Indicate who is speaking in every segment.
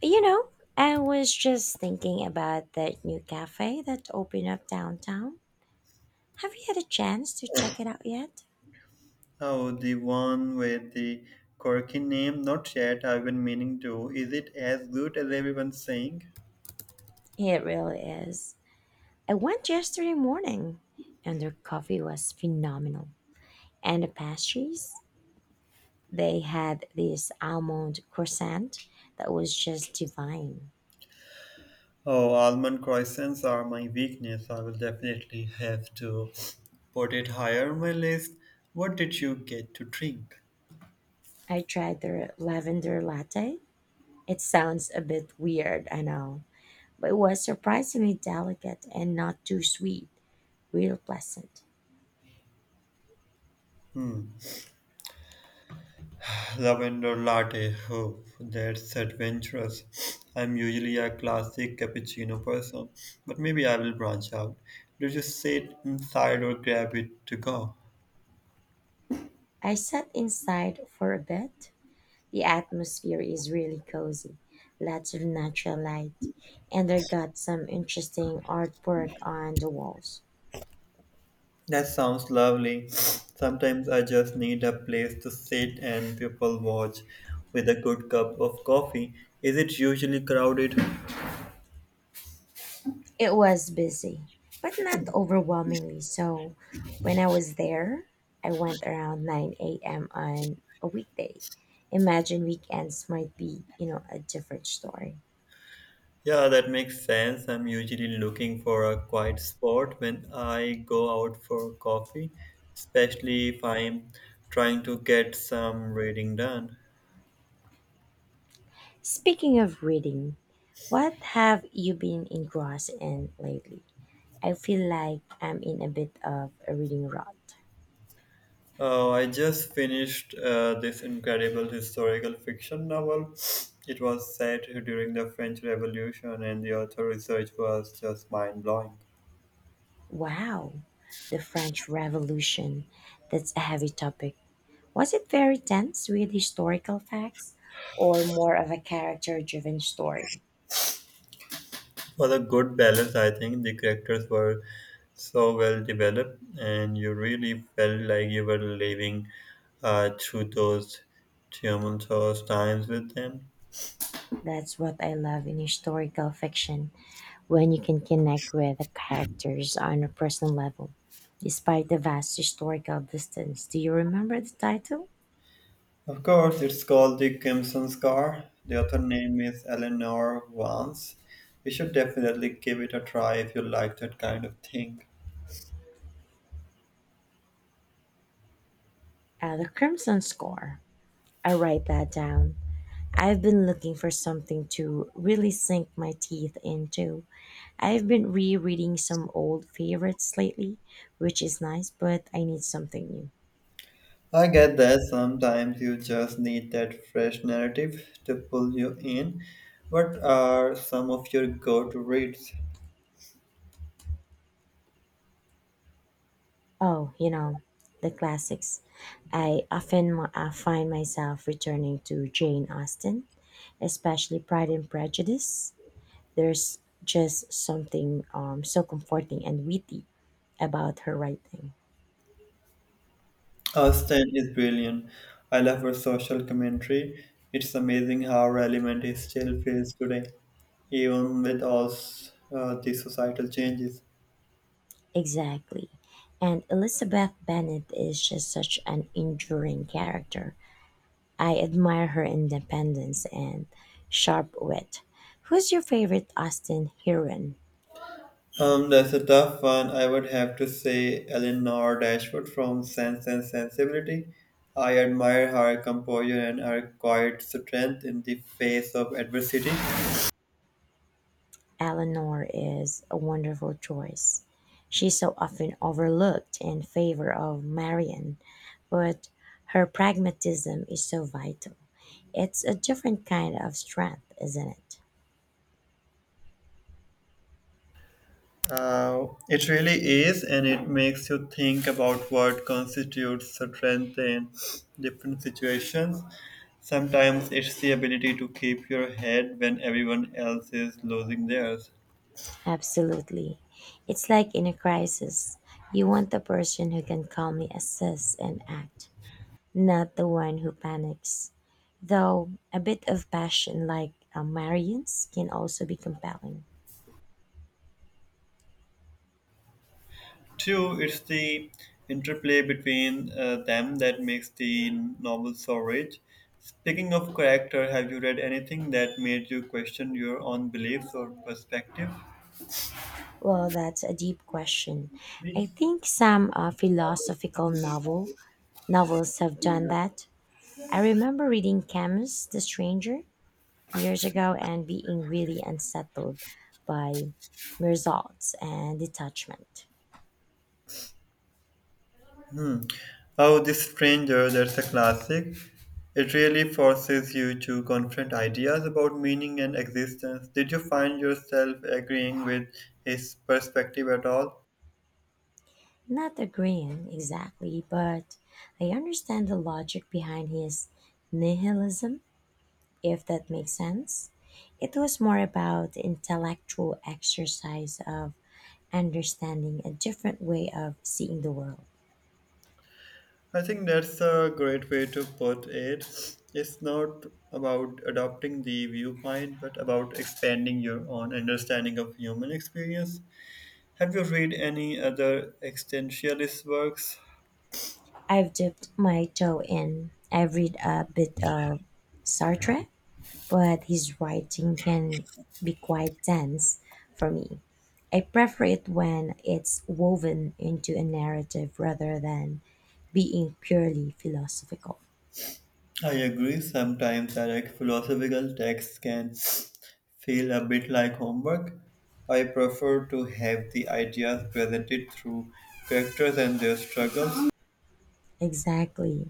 Speaker 1: You know, I was just thinking about that new cafe that opened up downtown. Have you had a chance to check it out yet?
Speaker 2: Oh, the one with the quirky name? Not yet. I've been meaning to. Is it as good as everyone's saying?
Speaker 1: It really is. I went yesterday morning, and their coffee was phenomenal. And the pastries, they had this almond croissant that was just divine.
Speaker 2: Oh, almond croissants are my weakness. I will definitely have to put it higher on my list. What did you get to drink?
Speaker 1: I tried their lavender latte. It sounds a bit weird, I know, but it was surprisingly delicate and not too sweet, real pleasant.
Speaker 2: Hmm. Lavender latte. Oh, that's adventurous. I'm usually a classic cappuccino person, but maybe I will branch out. Did you sit inside or grab it to go?
Speaker 1: I sat inside for a bit. The atmosphere is really cozy, lots of natural light, and I got some interesting artwork on the walls.
Speaker 2: That sounds lovely. Sometimes I just need a place to sit and people watch with a good cup of coffee. Is it usually crowded?
Speaker 1: It was busy, but not overwhelmingly so. When I was there, I went around 9 a.m. on a weekday. Imagine weekends might be, a different story.
Speaker 2: Yeah, that makes sense. I'm usually looking for a quiet spot when I go out for coffee, especially if I'm trying to get some reading done.
Speaker 1: Speaking of reading, what have you been engrossed in lately? I feel like I'm in a bit of a reading rut.
Speaker 2: I just finished this incredible historical fiction novel. It was set during the French Revolution, and the author research was just mind blowing.
Speaker 1: Wow, the French Revolution. That's a heavy topic. Was it very tense with historical facts or more of a character driven story?
Speaker 2: For the good balance, I think. The characters were so well developed, and you really felt like you were living through those tumultuous times with them.
Speaker 1: That's what I love in historical fiction when you can connect with the characters on a personal level. Despite the vast historical distance, do you remember the title?
Speaker 2: Of course, it's called Dickinson's car. The author name is Eleanor Vance. You should definitely give it a try if you like that kind of thing.
Speaker 1: The Crimson Score. I write that down. I've been looking for something to really sink my teeth into. I've been rereading some old favorites lately, which is nice, but I need something new.
Speaker 2: I get that sometimes you just need that fresh narrative to pull you in. What are some of your go to reads?
Speaker 1: Oh, you know, the classics. I often find myself returning to Jane Austen, especially Pride and Prejudice. There's just something so comforting and witty about her writing.
Speaker 2: Austen is brilliant. I love her social commentary. It's amazing how relevant it still feels today, even with all the societal changes.
Speaker 1: Exactly. And Elizabeth Bennet is just such an enduring character. I admire her independence and sharp wit. Who's your favorite Austen heroine?
Speaker 2: That's a tough one. I would have to say Eleanor Dashwood from Sense and Sensibility. I admire her composure and her quiet strength in the face of adversity.
Speaker 1: Eleanor is a wonderful choice. She's so often overlooked in favor of Marion, but her pragmatism is so vital. It's a different kind of strength, isn't it?
Speaker 2: It really is, and it makes you think about what constitutes strength in different situations. Sometimes it's the ability to keep your head when everyone else is losing theirs.
Speaker 1: Absolutely. It's like in a crisis. You want the person who can calmly assess and act, not the one who panics. Though a bit of passion, like Marion's, can also be compelling.
Speaker 2: Two, it's the interplay between them that makes the novel so rich. Speaking of character, have you read anything that made you question your own beliefs or perspective?
Speaker 1: Well, that's a deep question. I think some philosophical novels have done that. I remember reading Camus, The Stranger, years ago and being really unsettled by results and detachment.
Speaker 2: Oh, This Stranger, that's a classic. It really forces you to confront ideas about meaning and existence. Did you find yourself agreeing with his perspective at all?
Speaker 1: Not agreeing exactly, but I understand the logic behind his nihilism, if that makes sense. It was more about the intellectual exercise of understanding a different way of seeing the world.
Speaker 2: I think that's a great way to put it. It's not about adopting the viewpoint, but about expanding your own understanding of human experience. Have you read any other existentialist works?
Speaker 1: I've dipped my toe in. I've read a bit of Sartre, but his writing can be quite dense for me. I prefer it when it's woven into a narrative rather than being purely philosophical.
Speaker 2: I agree, sometimes direct philosophical texts can feel a bit like homework. I prefer to have the ideas presented through characters and their struggles.
Speaker 1: Exactly.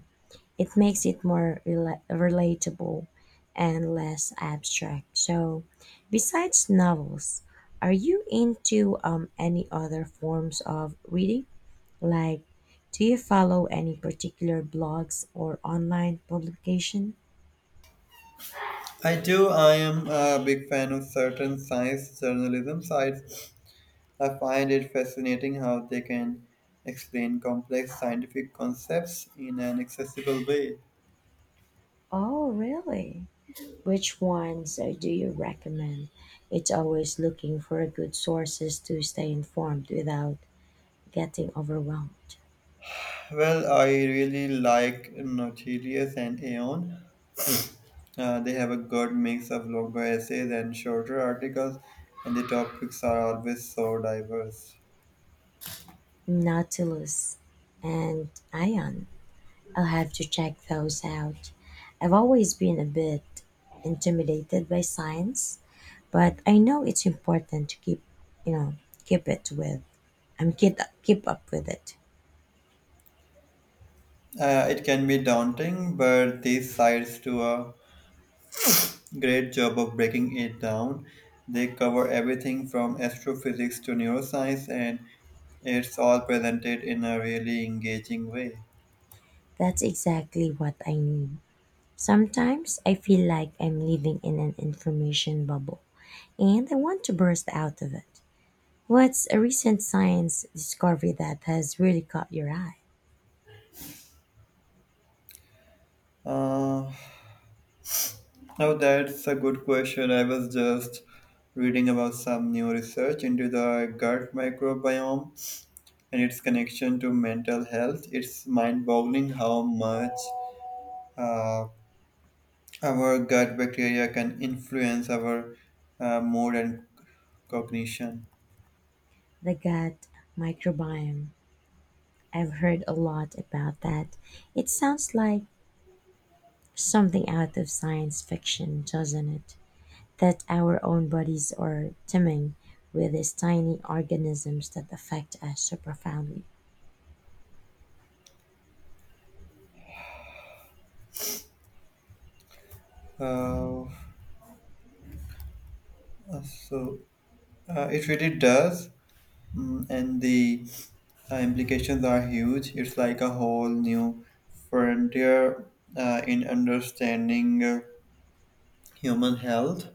Speaker 1: It makes it more relatable and less abstract. So, besides novels, are you into any other forms of reading? Like, do you follow any particular blogs or online publication?
Speaker 2: I do. I am a big fan of certain science journalism sites. I find it fascinating how they can explain complex scientific concepts in an accessible way.
Speaker 1: Oh, really? Which ones do you recommend? It's always looking for good sources to stay informed without getting overwhelmed.
Speaker 2: Well, I really like Nautilus and Aeon. They have a good mix of longer essays and shorter articles, and the topics are always so diverse.
Speaker 1: Nautilus and Ion. I'll have to check those out. I've always been a bit intimidated by science, but I know it's important to keep, you know, keep it with. I'm keep up with it.
Speaker 2: It can be daunting, but these sites do a great job of breaking it down. They cover everything from astrophysics to neuroscience, and it's all presented in a really engaging way.
Speaker 1: That's exactly what I need. Sometimes I feel like I'm living in an information bubble and I want to burst out of it. What's a recent science discovery that has really caught your eye?
Speaker 2: Uh, now, that's a good question. I was just reading about some new research into the gut microbiome and its connection to mental health. It's mind boggling how much uh, our gut bacteria can influence our mood and cognition.
Speaker 1: The gut microbiome. I've heard a lot about that. It sounds like something out of science fiction, doesn't it? That our own bodies are teeming with these tiny organisms that affect us so profoundly.
Speaker 2: Uh, So it really does, and the implications are huge. It's like a whole new frontier in understanding human health.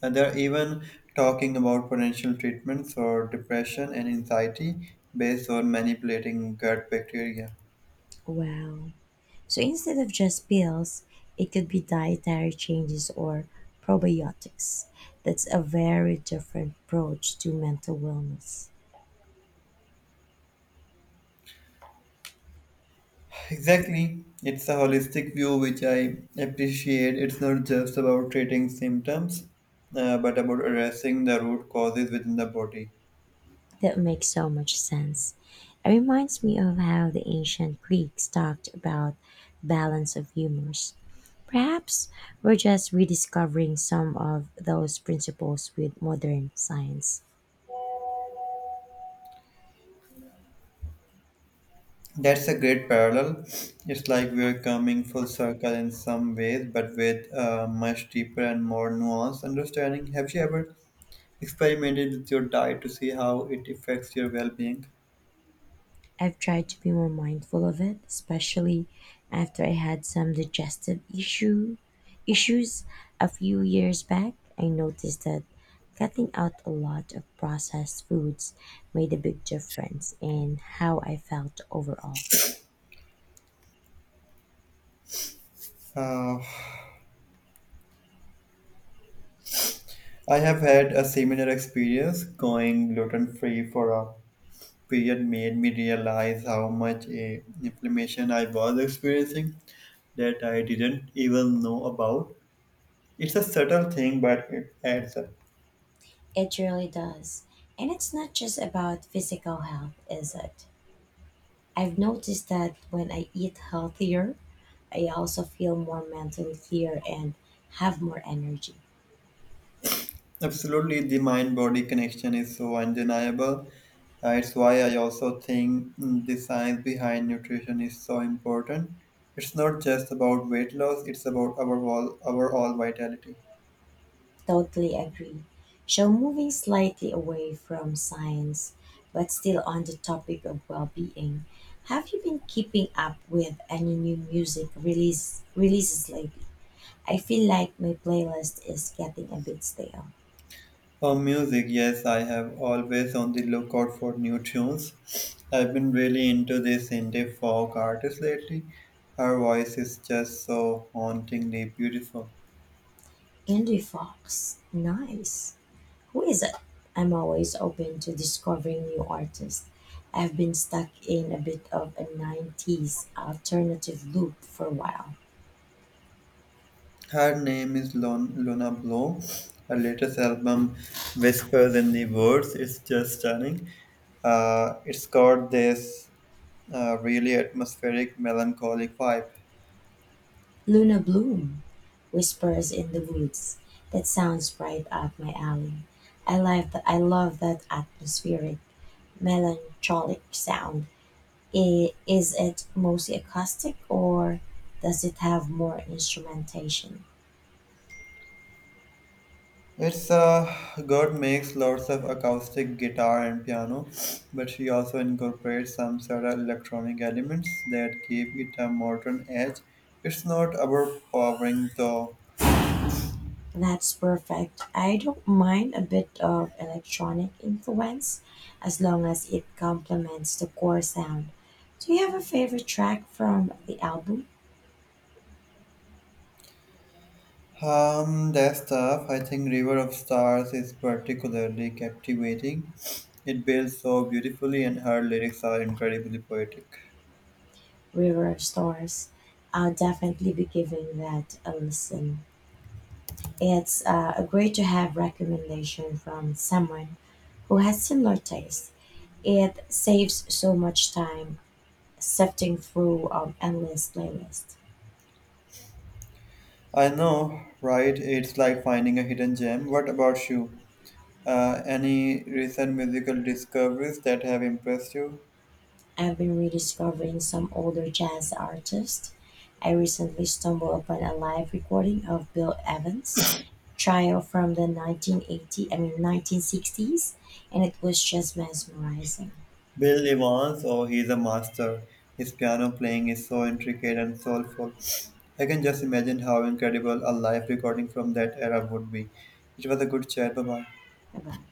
Speaker 2: And they're even talking about potential treatments for depression and anxiety based on manipulating gut bacteria.
Speaker 1: Wow. So instead of just pills, it could be dietary changes or probiotics. That's a very different approach to mental wellness.
Speaker 2: Exactly. It's a holistic view which I appreciate. It's not just about treating symptoms, but about addressing the root causes within the body.
Speaker 1: That makes so much sense. It reminds me of how the ancient Greeks talked about balance of humors. Perhaps we're just rediscovering some of those principles with modern science.
Speaker 2: That's a great parallel. It's like we're coming full circle in some ways, but with a much deeper and more nuanced understanding. Have you ever experimented with your diet to see how it affects your well being?
Speaker 1: I've tried to be more mindful of it, especially after I had some digestive issues a few years back. I noticed that cutting out a lot of processed foods made a big difference in how I felt overall.
Speaker 2: Uh, I have had a similar experience. Going gluten free for a period made me realize how much inflammation I was experiencing that I didn't even know about. It's a subtle thing, but it adds up.
Speaker 1: It really does. And it's not just about physical health, is it? I've noticed that when I eat healthier, I also feel more mentally clear and have more energy.
Speaker 2: Absolutely, the mind body connection is so undeniable. It's why I also think the science behind nutrition is so important. It's not just about weight loss, it's about our all vitality.
Speaker 1: Totally agree. So, moving slightly away from science, but still on the topic of well being, have you been keeping up with any new music releases lately? I feel like my playlist is getting a bit stale.
Speaker 2: For music, yes, I have always on the lookout for new tunes. I've been really into this indie folk artist lately. Her voice is just so hauntingly beautiful.
Speaker 1: Indie Fox, nice. Who is it? I'm always open to discovering new artists. I've been stuck in a bit of a 90s alternative loop for a while.
Speaker 2: Her name is Lona Bloom. Her latest album, Whispers in the Woods, is just stunning. It's got this really atmospheric, melancholic vibe.
Speaker 1: Luna Bloom, whispers in the woods. That sounds right up my alley. I like that. I love that atmospheric, melancholic sound. Is it mostly acoustic, or does it have more instrumentation?
Speaker 2: It's God makes lots of acoustic guitar and piano, but she also incorporates some subtle electronic elements that give it a modern edge. It's not overpowering though.
Speaker 1: That's perfect. I don't mind a bit of electronic influence, as long as it complements the core sound. Do you have a favorite track from the album?
Speaker 2: I think River of Stars is particularly captivating. It builds so beautifully, and her lyrics are incredibly poetic.
Speaker 1: River stores, I'll definitely be giving that a listen. It's a great to have recommendation from someone who has similar taste. It saves so much time sifting through endless playlists.
Speaker 2: I know, right? It's like finding a hidden gem. What about you? Any recent musical discoveries that have impressed you?
Speaker 1: I've been rediscovering some older jazz artists. I recently stumbled upon a live recording of Bill Evans' trio from the 1980, I mean 1960s, and it was just mesmerizing.
Speaker 2: Bill Evans, oh, he's a master. His piano playing is so intricate and soulful. I can just imagine how incredible a live recording from that era would be. It was a good chat. Bye bye.
Speaker 1: Bye-bye.